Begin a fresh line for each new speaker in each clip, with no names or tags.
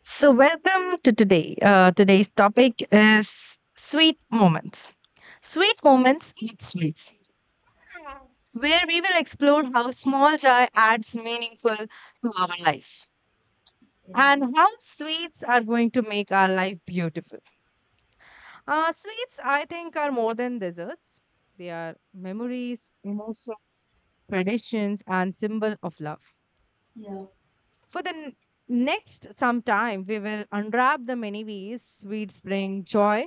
So, welcome to today. Today's topic is sweet moments. Sweet moments with sweets, where we will explore how small joy adds meaningful to our life
Yeah,
and how sweets are going to make our life beautiful. Sweets, I think, are more than desserts, they are memories, emotions, traditions, and symbol of love.
yeah,
For the next some time, we will unwrap the many ways sweets bring joy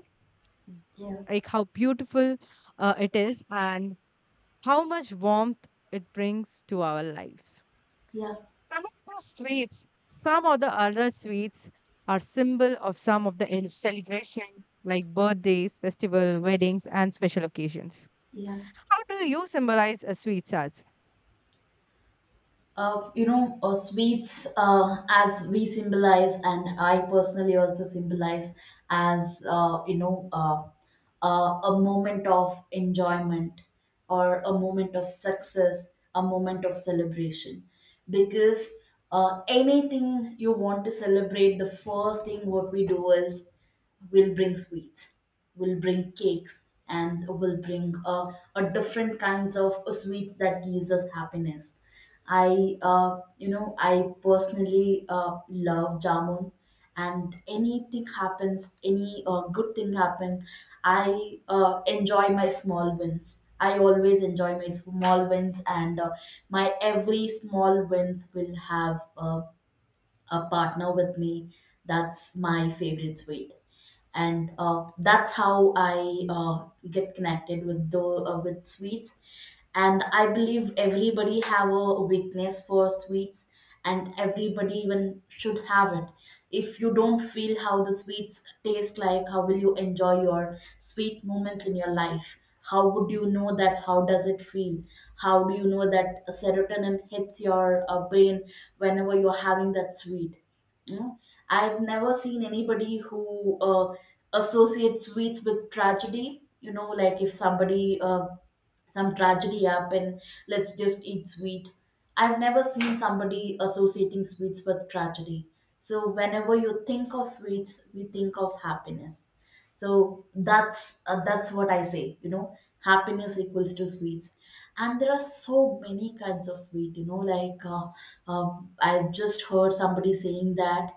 yeah,
like how beautiful it is and how much warmth it brings to our lives.
yeah,
Coming to sweets, some of the other sweets are symbol of some of the celebration like birthdays, festival, weddings, and special occasions.
yeah.
How do you symbolize a sweet as?
Sweets, as we symbolize, and I personally also symbolize as, a moment of enjoyment or a moment of success, a moment of celebration. Because anything you want to celebrate, the first thing what we do is we'll bring sweets, we'll bring cakes, and we'll bring a different kinds of sweets that gives us happiness. I personally love jamun, and anything happens, any good thing happen, I enjoy my small wins. I always enjoy my small wins, and my every small wins will have a partner with me. That's my favorite sweet, and that's how I get connected with the with sweets. And I believe everybody have a weakness for sweets, and everybody even should have it. If you don't feel how the sweets taste like, how will you enjoy your sweet moments in your life? How would you know that? How does it feel? How do you know that serotonin hits your brain whenever you're having that sweet? You know, I've never seen anybody who associates sweets with tragedy. You know, like if somebody some tragedy happened, let's just eat sweet. I've never seen somebody associating sweets with tragedy. So whenever you think of sweets, we think of happiness. So that's what I say. Happiness equals to sweets. And there are so many kinds of sweet, I just heard somebody saying that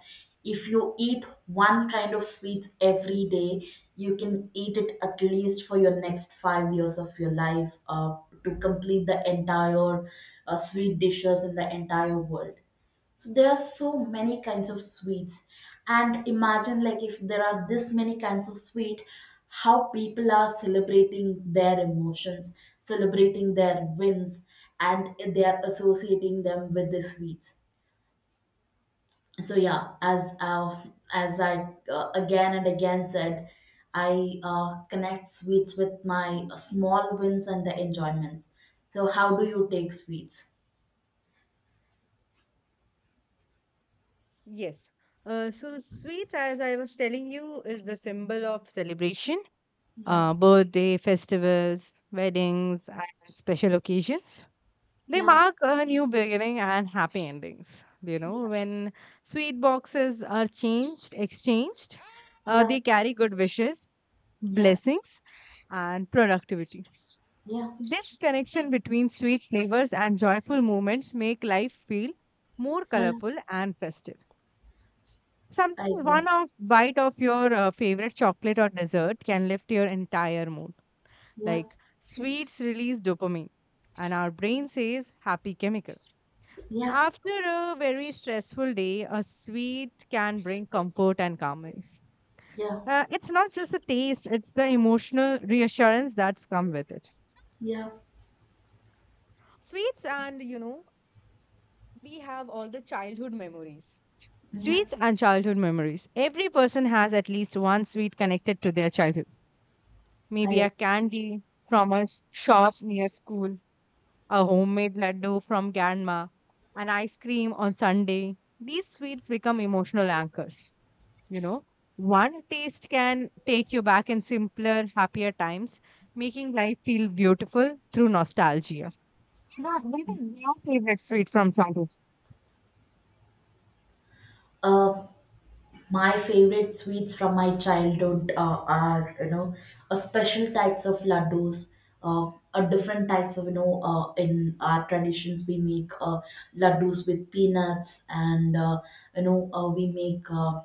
if you eat one kind of sweets every day, you can eat it at least for your next 5 years of your life to complete the entire sweet dishes in the entire world. So there are so many kinds of sweets. And imagine like if there are this many kinds of sweet, how people are celebrating their emotions, celebrating their wins, and they are associating them with the sweets. So yeah, as I again and again said, I connect sweets with my small wins and the enjoyments. So how do you take sweets?
Yes. So sweets, as I was telling you, is the symbol of celebration,
Yeah,
birthday, festivals, weddings, and special occasions. They
yeah,
mark a new beginning and happy endings. You know,
yeah,
when sweet boxes are changed, exchanged,
yeah,
they carry good wishes,
yeah,
blessings, and productivity.
yeah.
This connection between sweet flavors and joyful moments make life feel more
Yeah.
colorful and festive. Sometimes
I agree.
one of bite of your favorite chocolate or dessert can lift your entire mood.
Yeah,
Like sweets release dopamine, and our brain says happy chemical.
yeah,
After a very stressful day, a sweet can bring comfort and calmness.
yeah,
It's not just a taste; it's the emotional reassurance that's come with it.
yeah,
Sweets, and you know, we have all the childhood memories.
yeah.
Sweets and childhood memories. Every person has at least one sweet connected to their childhood.
I
Maybe a
agree.
candy from a shop near school, a homemade laddu from grandma, an ice cream on Sunday. These sweets become emotional anchors. You know, one taste can take you back in simpler, happier times, making life feel beautiful through nostalgia. Yeah, what is your favorite sweet from childhood?
Uh, my favorite sweets from my childhood are a special types of laddus. A different types of in our traditions we make laddus with peanuts, and we make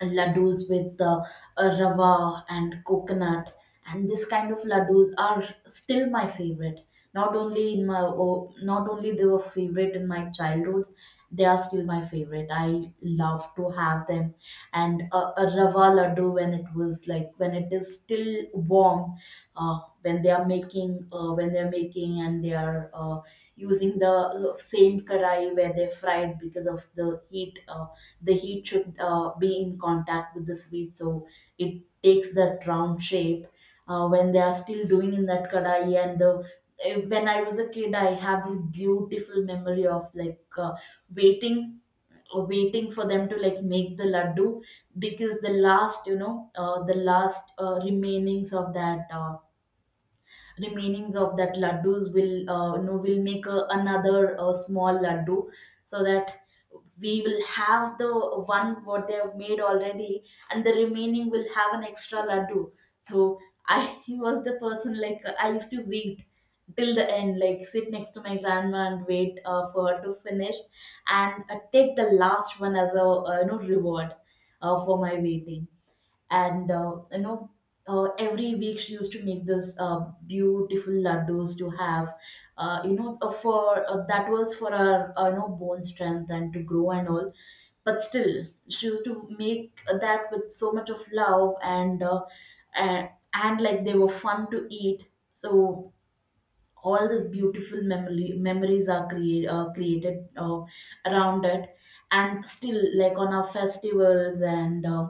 laddus with rava and coconut, and this kind of laddus are still my favorite. Not only in my oh, Not only they were favorite in my childhood, they are still my favorite. I love to have them. And a rava laddu, when it was like, when it is still warm, when they are making, and they are using the same karai where they fried, because of the heat. The heat should be in contact with the sweet, so it takes that round shape. When they are still doing in that kadai, and the when I was a kid, I have this beautiful memory of waiting, or waiting for them to like make the laddu, because the last the last remainings of that laddus will will make another small laddu, so that we will have the one what they have made already, and the remaining will have an extra laddu. So I was the person, like I used to wait till the end, like sit next to my grandma and wait for her to finish, and take the last one as a reward for my waiting. And every week she used to make this beautiful laddus to have, for that was for our bone strength and to grow and all. But still she used to make that with so much of love, and and, and like they were fun to eat. So all these beautiful memory memories are created around it. And still like on our festivals, and uh,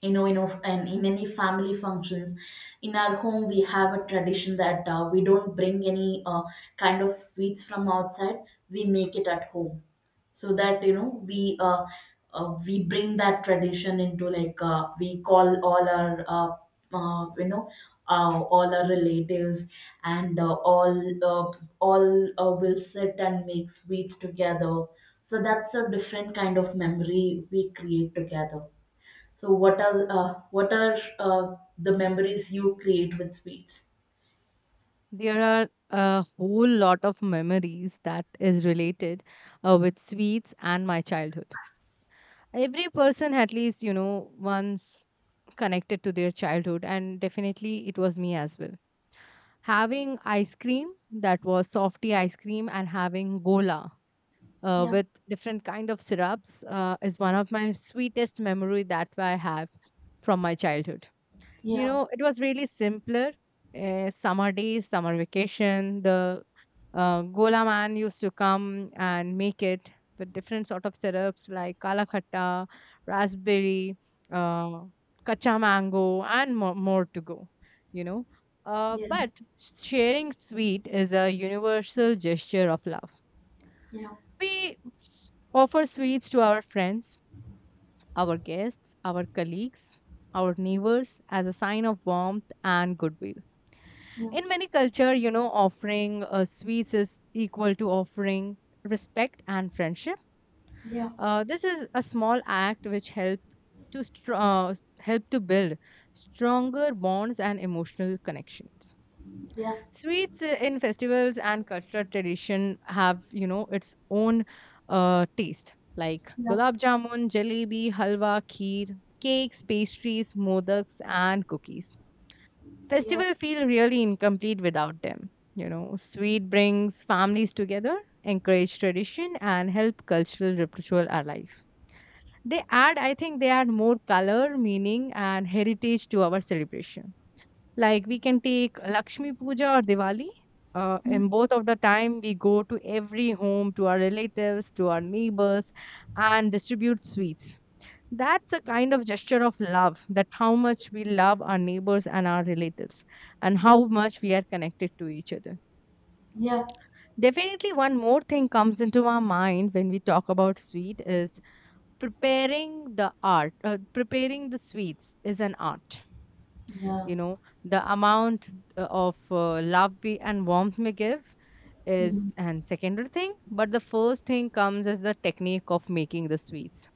you know in, of- and in any family functions in our home, we have a tradition that we don't bring any kind of sweets from outside. We make it at home, so that we bring that tradition into we call all our all our relatives, and all will sit and make sweets together. So that's a different kind of memory we create together. So, what are the memories you create with sweets?
There are a whole lot of memories that is related with sweets and my childhood. Every person, at least, you know, once connected to their childhood, and definitely it was me as well. Having ice cream that was softy ice cream and having gola
Yeah,
with different kind of syrups is one of my sweetest memory that I have from my childhood. You
yeah,
know, it was really simpler. Summer days, summer vacation. The gola man used to come and make it with different sort of syrups like kalakhata, raspberry, uh, kacha mango, and more to go. You know, uh,
yeah,
but sharing sweet is a universal gesture of love.
yeah,
Offer sweets to our friends, our guests, our colleagues, our neighbors as a sign of warmth and goodwill.
yeah,
In many culture, you know, offering sweets is equal to offering respect and friendship.
yeah,
This is a small act which help to help to build stronger bonds and emotional connections.
yeah,
Sweets in festivals and cultural tradition have, you know, its own taste like
yeah,
gulab jamun, jalebi, halwa, kheer, cakes, pastries, modaks, and cookies.
yeah,
Festival feel really incomplete without them. You know, sweet brings families together, encourage tradition, and help cultural ritual alive. They add more color, meaning, and heritage to our celebration. Like we can take Lakshmi Puja or Diwali.
yeah,
And both of the time we go to every home, to our relatives, to our neighbors, and distribute sweets. That's a kind of gesture of love that how much we love our neighbors and our relatives, and how much we are connected to each other.
yeah,
Definitely, one more thing comes into our mind when we talk about sweet is preparing the art. Preparing the sweets is an art,
yeah,
you know, the amount of love we and warmth we give
mm-hmm.
is and secondary thing, but the first thing comes as the technique of making the sweets,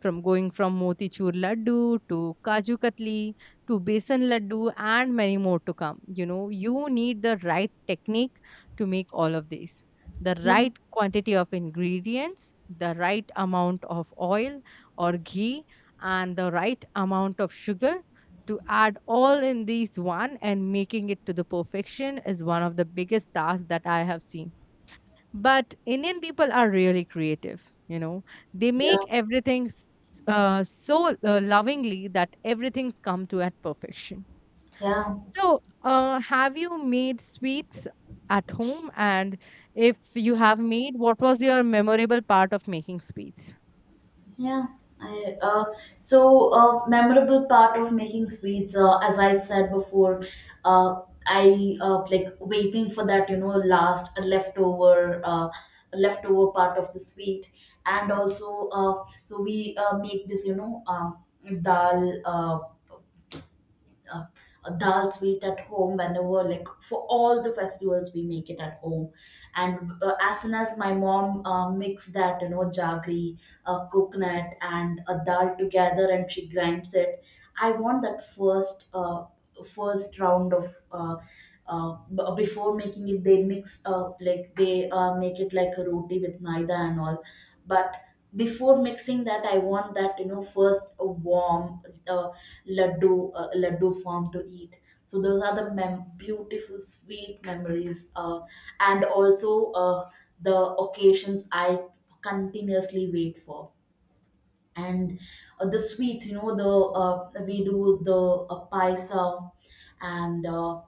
from going from motichur laddu to kaju katli to besan laddu and many more to come. You know, you need the right technique to make all of these. The
Yeah,
right quantity of ingredients, the right amount of oil or ghee, and the right amount of sugar to add all in these one and making it to the perfection is one of the biggest tasks that I have seen, but Indian people are really creative, you know. They make
yeah.
everything s- uh, so uh, lovingly, that everything's come to at perfection.
Yeah.
So, have you made sweets at home? And if you have made, what was your memorable part of making sweets?
Yeah, I so a memorable part of making sweets, as I said before, I like waiting for that last leftover, leftover part of the sweet. And also so we make this dal. Uh, a dal sweet at home, whenever like for all the festivals we make it at home. And as soon as my mom mix that jaggery, coconut and a dal together, and she grinds it, I want that first round of before making it, they mix like they make it like a roti with maida and all. But before mixing that, I want that first a warm uh, laddu form to eat. So those are the beautiful sweet memories. And also the occasions I continuously wait for. And the sweets, you know the uh, we do the paisa, and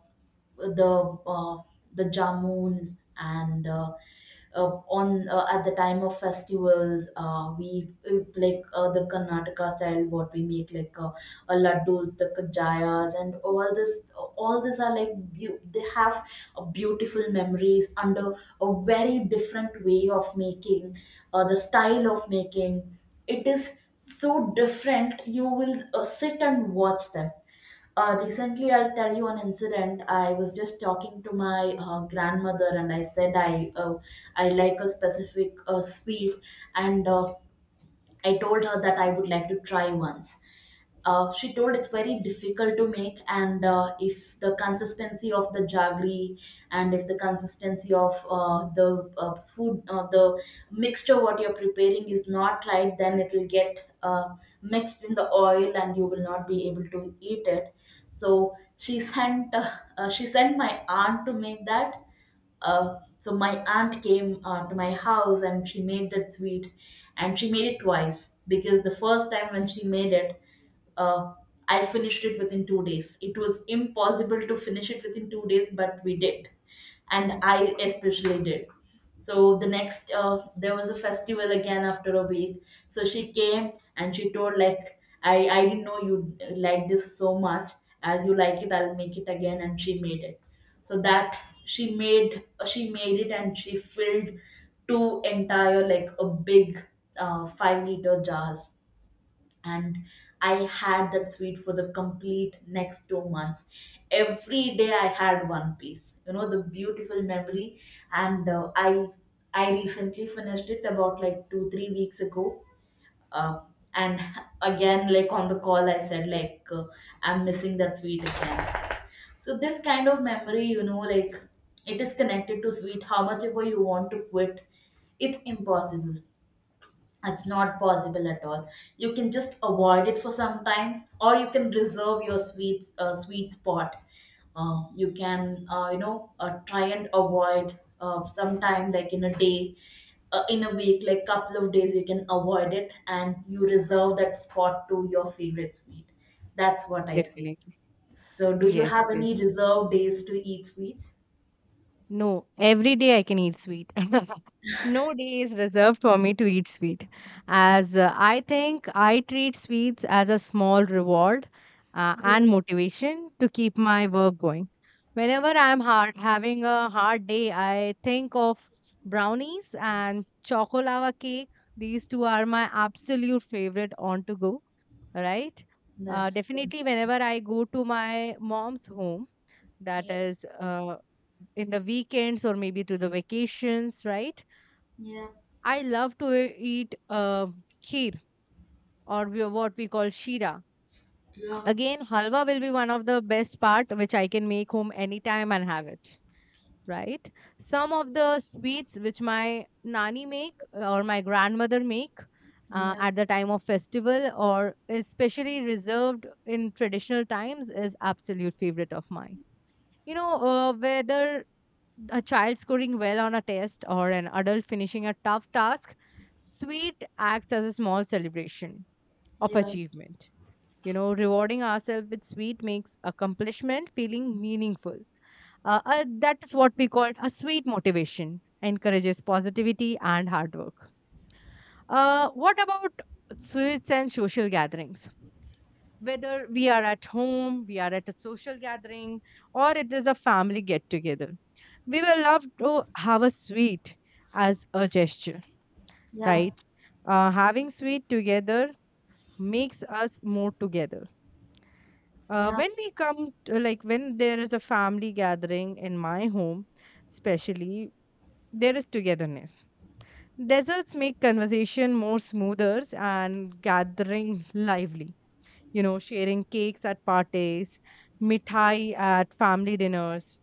the uh, the jamuns, and on at the time of festivals we like the Karnataka style what we make, like laddus, the kajayas and all this, all these are like they have beautiful memories under a very different way of making, the style of making it is so different. You will sit and watch them. Recently, I'll tell you an incident. I was just talking to my grandmother, and I said I like a specific sweet, and I told her that I would like to try once. She told it's very difficult to make, and if the consistency of the jaggery, and if the consistency of the mixture what you're preparing is not right, then it will get mixed in the oil, and you will not be able to eat it. So she sent my aunt to make that. So my aunt came to my house, and she made that sweet. And she made it twice, because the first time when she made it, uh, I finished it within 2 days. It was impossible to finish it within 2 days, but we did. And I especially did. So the next there was a festival again after a week. So she came, and she told like, I didn't know you like this so much. As you like it, I'll make it again. And she made it. So that she made it, and she filled two entire, like a big 5 liter jars. And I had that sweet for the complete next 2 months. Every day I had one piece. The beautiful memory. And I recently finished it about like 2-3 weeks ago. uh, and again, like on the call I said, like I'm missing that sweet again. So this kind of memory, like it is connected to sweet. How much ever you want to quit, it's impossible. It's not possible at all. You can just avoid it for some time, or you can reserve your sweet spot. You can try and avoid sometime, like in a day, in a week, like couple of days you can avoid it, and you reserve that spot to your favorite sweet. That's what I say.
Definitely.
So do you
Yes,
have
yes.
any reserved days to eat sweets?
No, every day I can eat sweet. No day is reserved for me to eat sweet. As I think I treat sweets as a small reward and
Yeah.
motivation to keep my work going. Whenever I'm hard, having a hard day, I think of brownies and chocolava cake. These two are my absolute favorite on to go, right?
that's
Definitely, whenever I go to my mom's home, that
Yeah,
is in the weekends or maybe to the vacations, right?
yeah,
I love to eat kheer, or what we call shira.
yeah,
Again, halwa will be one of the best part which I can make home anytime and have it, right? Some of the sweets which my nani make or my grandmother make
yeah,
at the time of festival or especially reserved in traditional times is absolute favorite of mine. You know, whether a child scoring well on a test or an adult finishing a tough task, sweet acts as a small celebration of
yeah,
achievement. You know, rewarding ourselves with sweet makes accomplishment feeling meaningful. That is what we call a sweet motivation, encourages positivity and hard work. What about sweets and social gatherings? Whether we are at home, we are at a social gathering, or it is a family get together. We will love to have a sweet as a gesture,
yeah,
right? Having sweet together makes us more together.
yeah,
When we come, to, like when there is a family gathering in my home, especially, there is togetherness. Desserts make conversation more smoother and gathering lively. You know, sharing cakes at parties, mithai at family dinners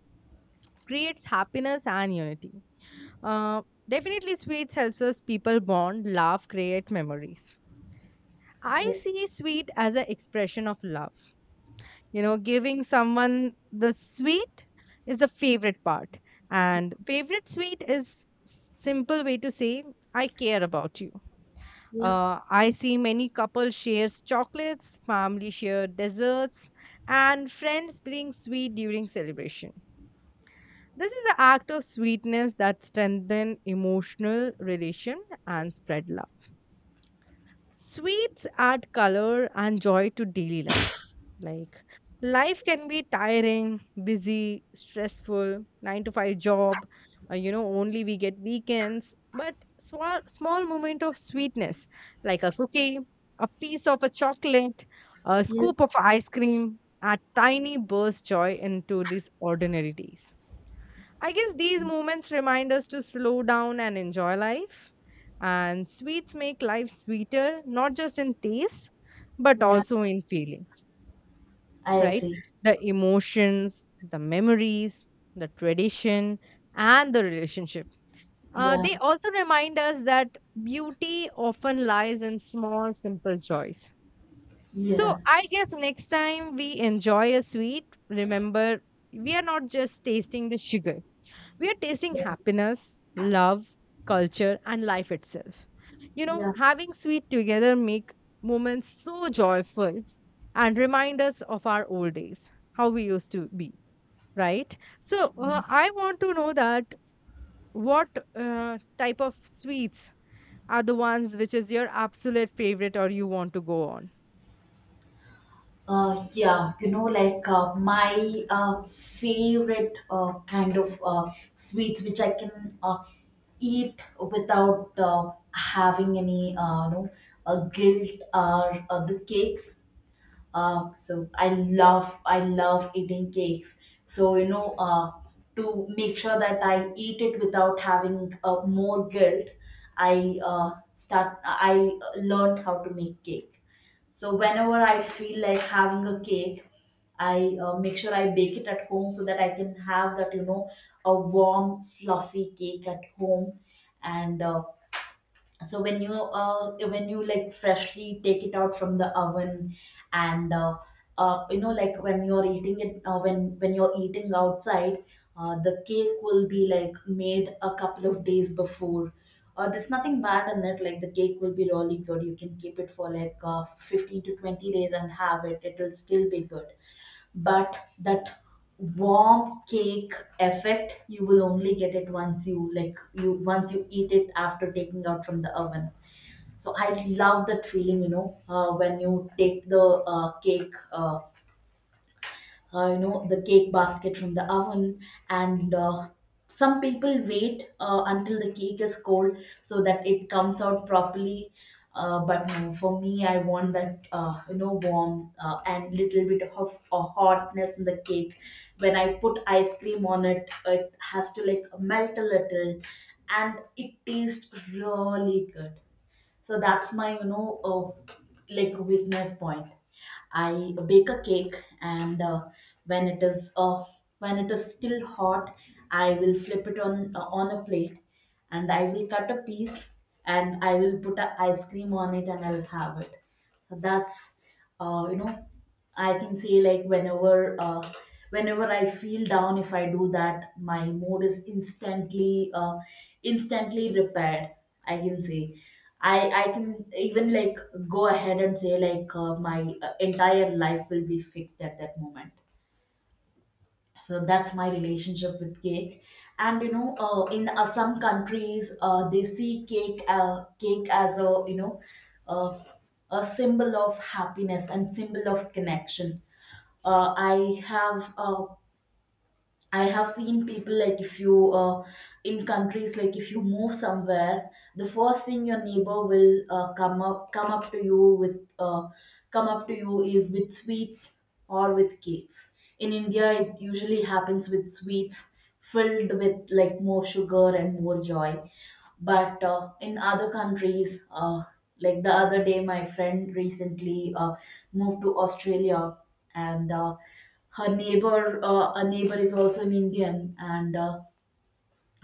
creates happiness and unity. Uh, Definitely, sweets helps us people bond, laugh, create memories. I
yes.
see sweet as an expression of love. You know, giving someone the sweet is the favorite part, and favorite sweet is simple way to say I care about you.
Yeah,
I see many couples share chocolates, family share desserts, and friends bring sweet during celebration. This is an act of sweetness that strengthen emotional relation and spread love. Sweets add color and joy to daily life. Like, life can be tiring, busy, stressful, 9 to 5 job, you know, only we get weekends. But small moment of sweetness, like a cookie, a piece of a chocolate, a
yeah,
scoop of ice cream, add tiny burst joy into these ordinary days. I guess these moments remind us to slow down and enjoy life. And sweets make life sweeter, not just in taste, but
yeah,
also in feelings,
I
right?
agree.
The emotions, the memories, the tradition, and the relationship.
Yeah,
They also remind us that beauty often lies in small, simple joys. So
yes,
I guess next time we enjoy a sweet, remember we are not just tasting the sugar, we are tasting
yeah,
happiness, love, culture, and life itself. You know,
yeah.
having sweet together make moments so joyful and remind us of our old days, how we used to be, right? So I want to know that what type of sweets are the ones which is your absolute favorite or you want to go on?
Yeah, my favorite kind of sweets which I can eat without having any, guilt, are the cakes. So I love eating cakes. So to make sure that I eat it without having more guilt, I learned how to make cake. So whenever I feel like having a cake, I make sure I bake it at home so that I can have that a warm fluffy cake at home, and so when you like freshly take it out from the oven and like when you're eating it, when when you're eating outside, the cake will be like made a couple of days before. There's nothing bad in it. Like the cake will be really good. You can keep it for like 15 to 20 days and have it. It'll still be good, but that warm cake effect you will only get it once you like you once you eat it after taking out from the oven. So I love that feeling, you know, when you take the cake you know the cake basket from the oven. And some people wait until the cake is cold so that it comes out properly. But no, for me I want that, you know, warm and little bit of a hotness in the cake. When I put ice cream on it, it has to like melt a little and it tastes really good. So that's my, you know, like, weakness point. I bake a cake, and when it is uh, when it is still hot, I will flip it on a plate and I will cut a piece and I will put a ice cream on it and I'll have it. So that's, you know, I can say, like, whenever whenever I feel down, if I do that, my mood is instantly repaired, I can say. I can even like go ahead and say like my entire life will be fixed at that moment. So that's my relationship with cake. And you know in some countries, they see cake as a, you know uh, a symbol of happiness and symbol of connection. uh, i have uh, I have seen people, like, if you in countries, like, if you move somewhere, the first thing your neighbor will come up to you with come up to you is with sweets or with cakes. In India, it usually happens with sweets filled with like more sugar and more joy. But in other countries, like the other day, my friend recently moved to Australia. And. Her neighbor a neighbor is also an Indian, and uh,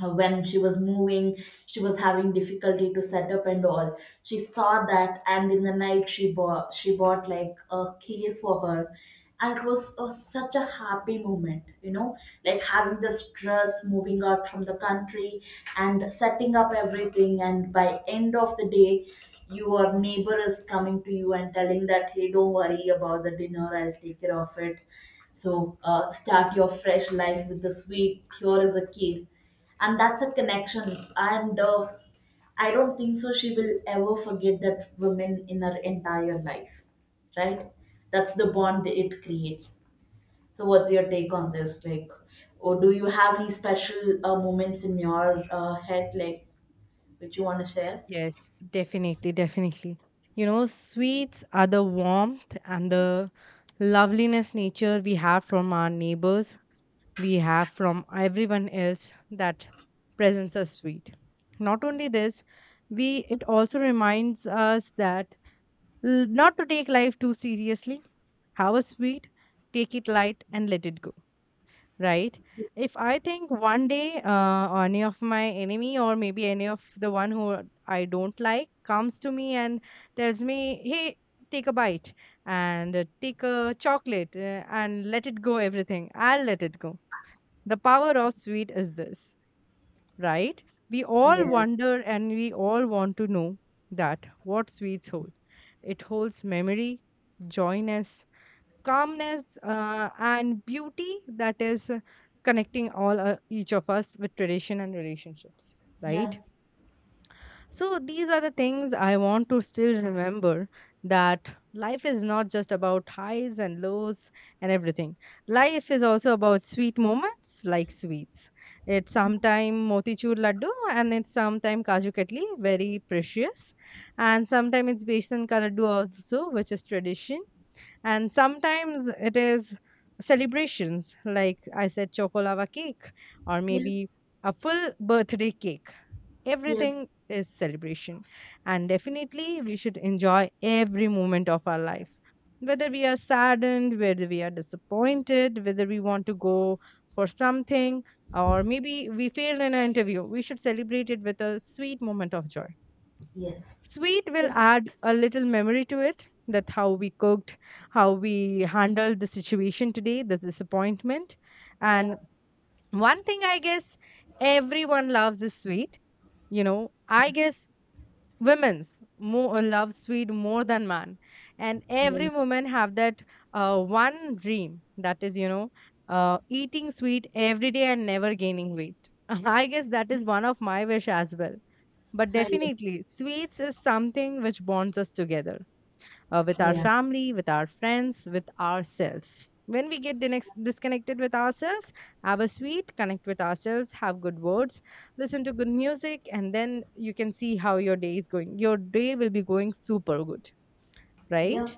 uh, when she was moving she was having difficulty to set up and all. She saw that, and in the night she bought like a kheer for her, and it was such a happy moment, you know, like having the stress moving out from the country and setting up everything, and by end of the day your neighbor is coming to you and telling that, "Hey, don't worry about the dinner, I'll take care of it. So start your fresh life with the sweet. Here is a kheer." And that's a connection. And I don't think so she will ever forget that woman in her entire life, right? That's the bond that it creates. So what's your take on this, like, or do you have any special moments in your head, like, which you want to share?
Yes, definitely, definitely. You know, sweets are the warmth and the loveliness nature we have from our neighbors, we have from everyone else that presents us sweet. Not only this, we it also reminds us that not to take life too seriously. Have a sweet, take it light, and let it go. Right? If I think one day any of my enemy or maybe any of the one who I don't like comes to me and tells me, "Hey, take a bite and take a chocolate and let it go everything," I'll let it go, the power of sweet is this, right? We all
Yeah,
wonder and we all want to know that what sweets hold. It holds memory, joyness, calmness, and beauty that is connecting all each of us with tradition and relationships,
yeah,
right? So these are the things I want to still remember, that life is not just about highs and lows and everything. Life is also about sweet moments like sweets. It's sometime motichur laddu, and it's sometime kaju katli, very precious. And sometimes it's besan ka laddu also, which is tradition. And sometimes it is celebrations like I said, chocolava cake or
yeah,
maybe a full birthday cake.
yeah,
Everything is celebration. And definitely, we should enjoy every moment of our life. Whether we are saddened, whether we are disappointed, whether we want to go for something, or maybe we failed in an interview, we should celebrate it with a sweet moment of joy.
yes,
Sweet will
yes,
add a little memory to it that how we cooked, how we handled the situation today, the disappointment.
yeah,
And one thing I guess everyone loves is sweet. You know, I guess women's more love sweet more than man and
yeah,
every woman have that one dream that is eating sweet every day and never gaining weight I guess that is one of my wish as well, but definitely sweets is something which bonds us together with our
yeah,
family, with our friends, with ourselves. When we get disconnected with ourselves, have a sweet, connect with ourselves, have good words, listen to good music, and then you can see how your day is going. Your day will be going super good,
yeah,
right?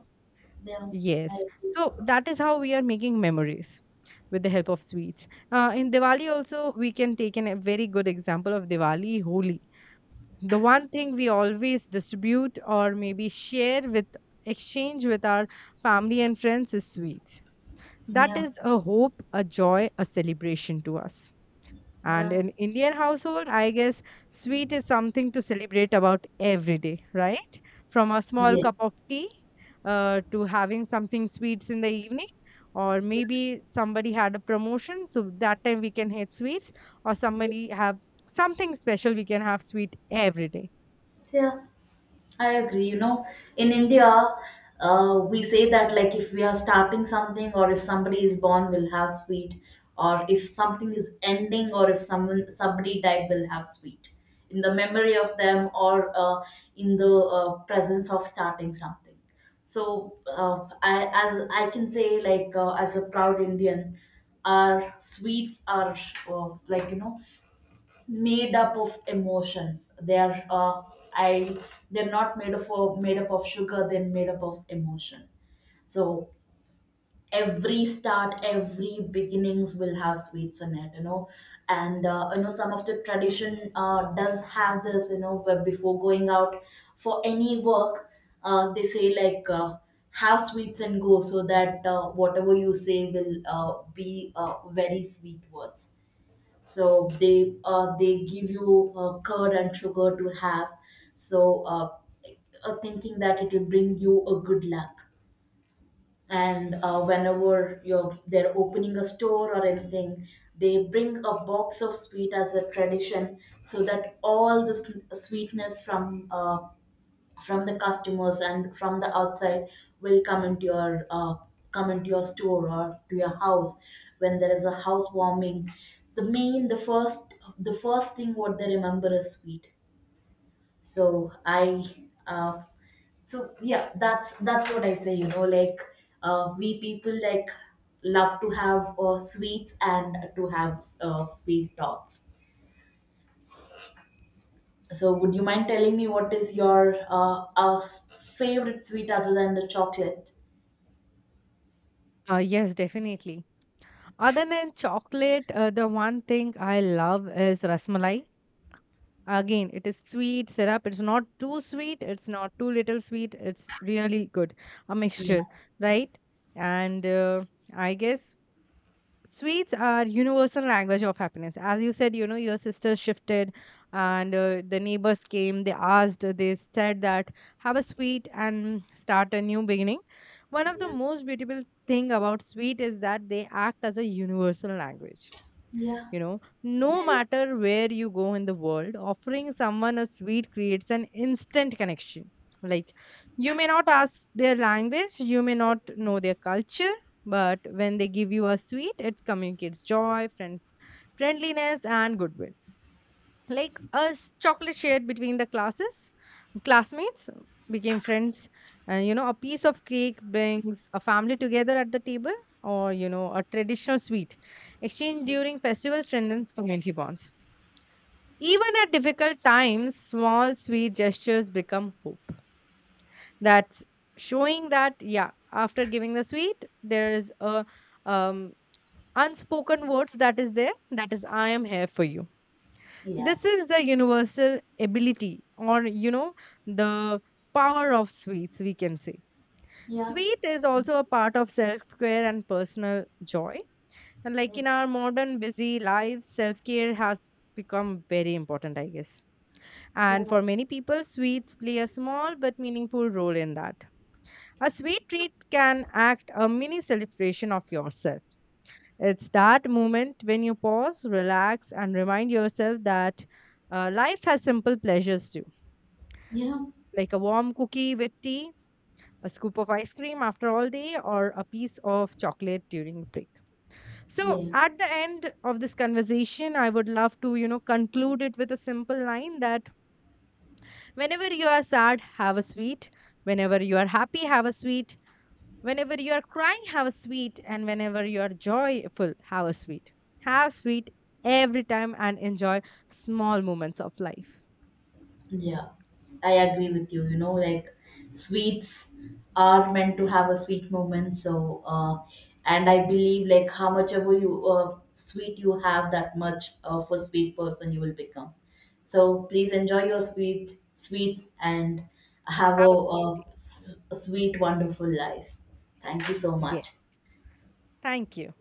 yeah.
Yes.
I-
So that is how we are making memories with the help of sweets. In Diwali, also, we can take a very good example of Diwali, Holi. The one thing we always distribute or maybe share with, exchange with our family and friends is sweets. That
yeah,
is a hope, a joy, a celebration to us. And
yeah,
in Indian household, I guess sweet is something to celebrate about every day, right? From a small
yeah,
cup of tea, to having something sweets in the evening, or
yeah,
maybe somebody had a promotion, so that time we can have sweets, or
yeah.
somebody have something special, we can have sweet every day.
Yeah. I agree. You know, in India, we say that like if we are starting something or if somebody is born, we'll have sweet, or if something is ending or if someone somebody died, we'll have sweet in the memory of them, or in the presence of starting something. So I as I can say, like, as a proud Indian, our sweets are, like, you know, made up of emotions. They are I they're not made up of sugar. They're made up of emotion. So every start, every beginnings will have sweets in it, you know. And some of the tradition does have this, you know, where before going out for any work, they say, like, "Have sweets and go," so that whatever you say will be very sweet words. So they give you curd and sugar to have. So thinking that it will bring you a good luck. And whenever you're they're opening a store or anything, they bring a box of sweet as a tradition, so that all the sweetness from the customers and from the outside will come into your store or to your house. When there is a housewarming, the main the first the first thing what they remember is sweet. so i uh, so yeah, that's what I say, you know, like, we people like love to have sweets and to have sweet talks. So would you mind telling me what is your favorite sweet other than the chocolate?
Yes, definitely. Other than chocolate, the one thing I love is rasmalai. Again, it is sweet syrup. It's not too sweet. It's not too little sweet. It's really good. A
Yeah,
mixture, right? And I guess sweets are universal language of happiness. As you said, you know, your sister shifted and the neighbors came, they asked, they said that have a sweet and start a new beginning. One of the
yeah,
most beautiful thing about sweet is that they act as a universal language,
yeah,
you know. No
yeah,
matter where you go in the world, offering someone a sweet creates an instant connection. Like, you may not ask their language, you may not know their culture, but when they give you a sweet, it communicates joy, friend, friendliness and goodwill. Like us, chocolate shared between the classes, classmates became friends. And you know, a piece of cake brings a family together at the table, or you know, a traditional sweet exchange during festivals strengthens community bonds. Even at difficult times, small sweet gestures become hope. That's showing that yeah, after giving the sweet, there is a um unspoken words that is there, that is I am here for you.
yeah,
This is the universal ability, or you know, the power of sweets, we can say.
yeah, yeah,
Sweet is also a part of self-care and personal joy. And like in our modern busy lives, self-care has become very important, I guess.
yeah,
And for many people, sweets play a small but meaningful role in that. A sweet treat can act a mini celebration of yourself. It's that moment when you pause, relax and remind yourself that life has simple pleasures too.
yeah,
Like a warm cookie with tea, a scoop of ice cream after all day, or a piece of chocolate during break. So,
yeah.
at the end of this conversation, I would love to, you know, conclude it with a simple line that whenever you are sad, have a sweet. Whenever you are happy, have a sweet. Whenever you are crying, have a sweet, and whenever you are joyful, have a sweet. Have sweet every time and enjoy small moments of life.
Yeah. I agree with you. You know, like, sweets are meant to have a sweet moment. So, and I believe like how much ever you sweet you have, that much of a sweet person you will become. So please enjoy your sweet sweets and have
Have a sweet
a
day.
a sweet, wonderful life. Thank you so much.
Yes. Thank you.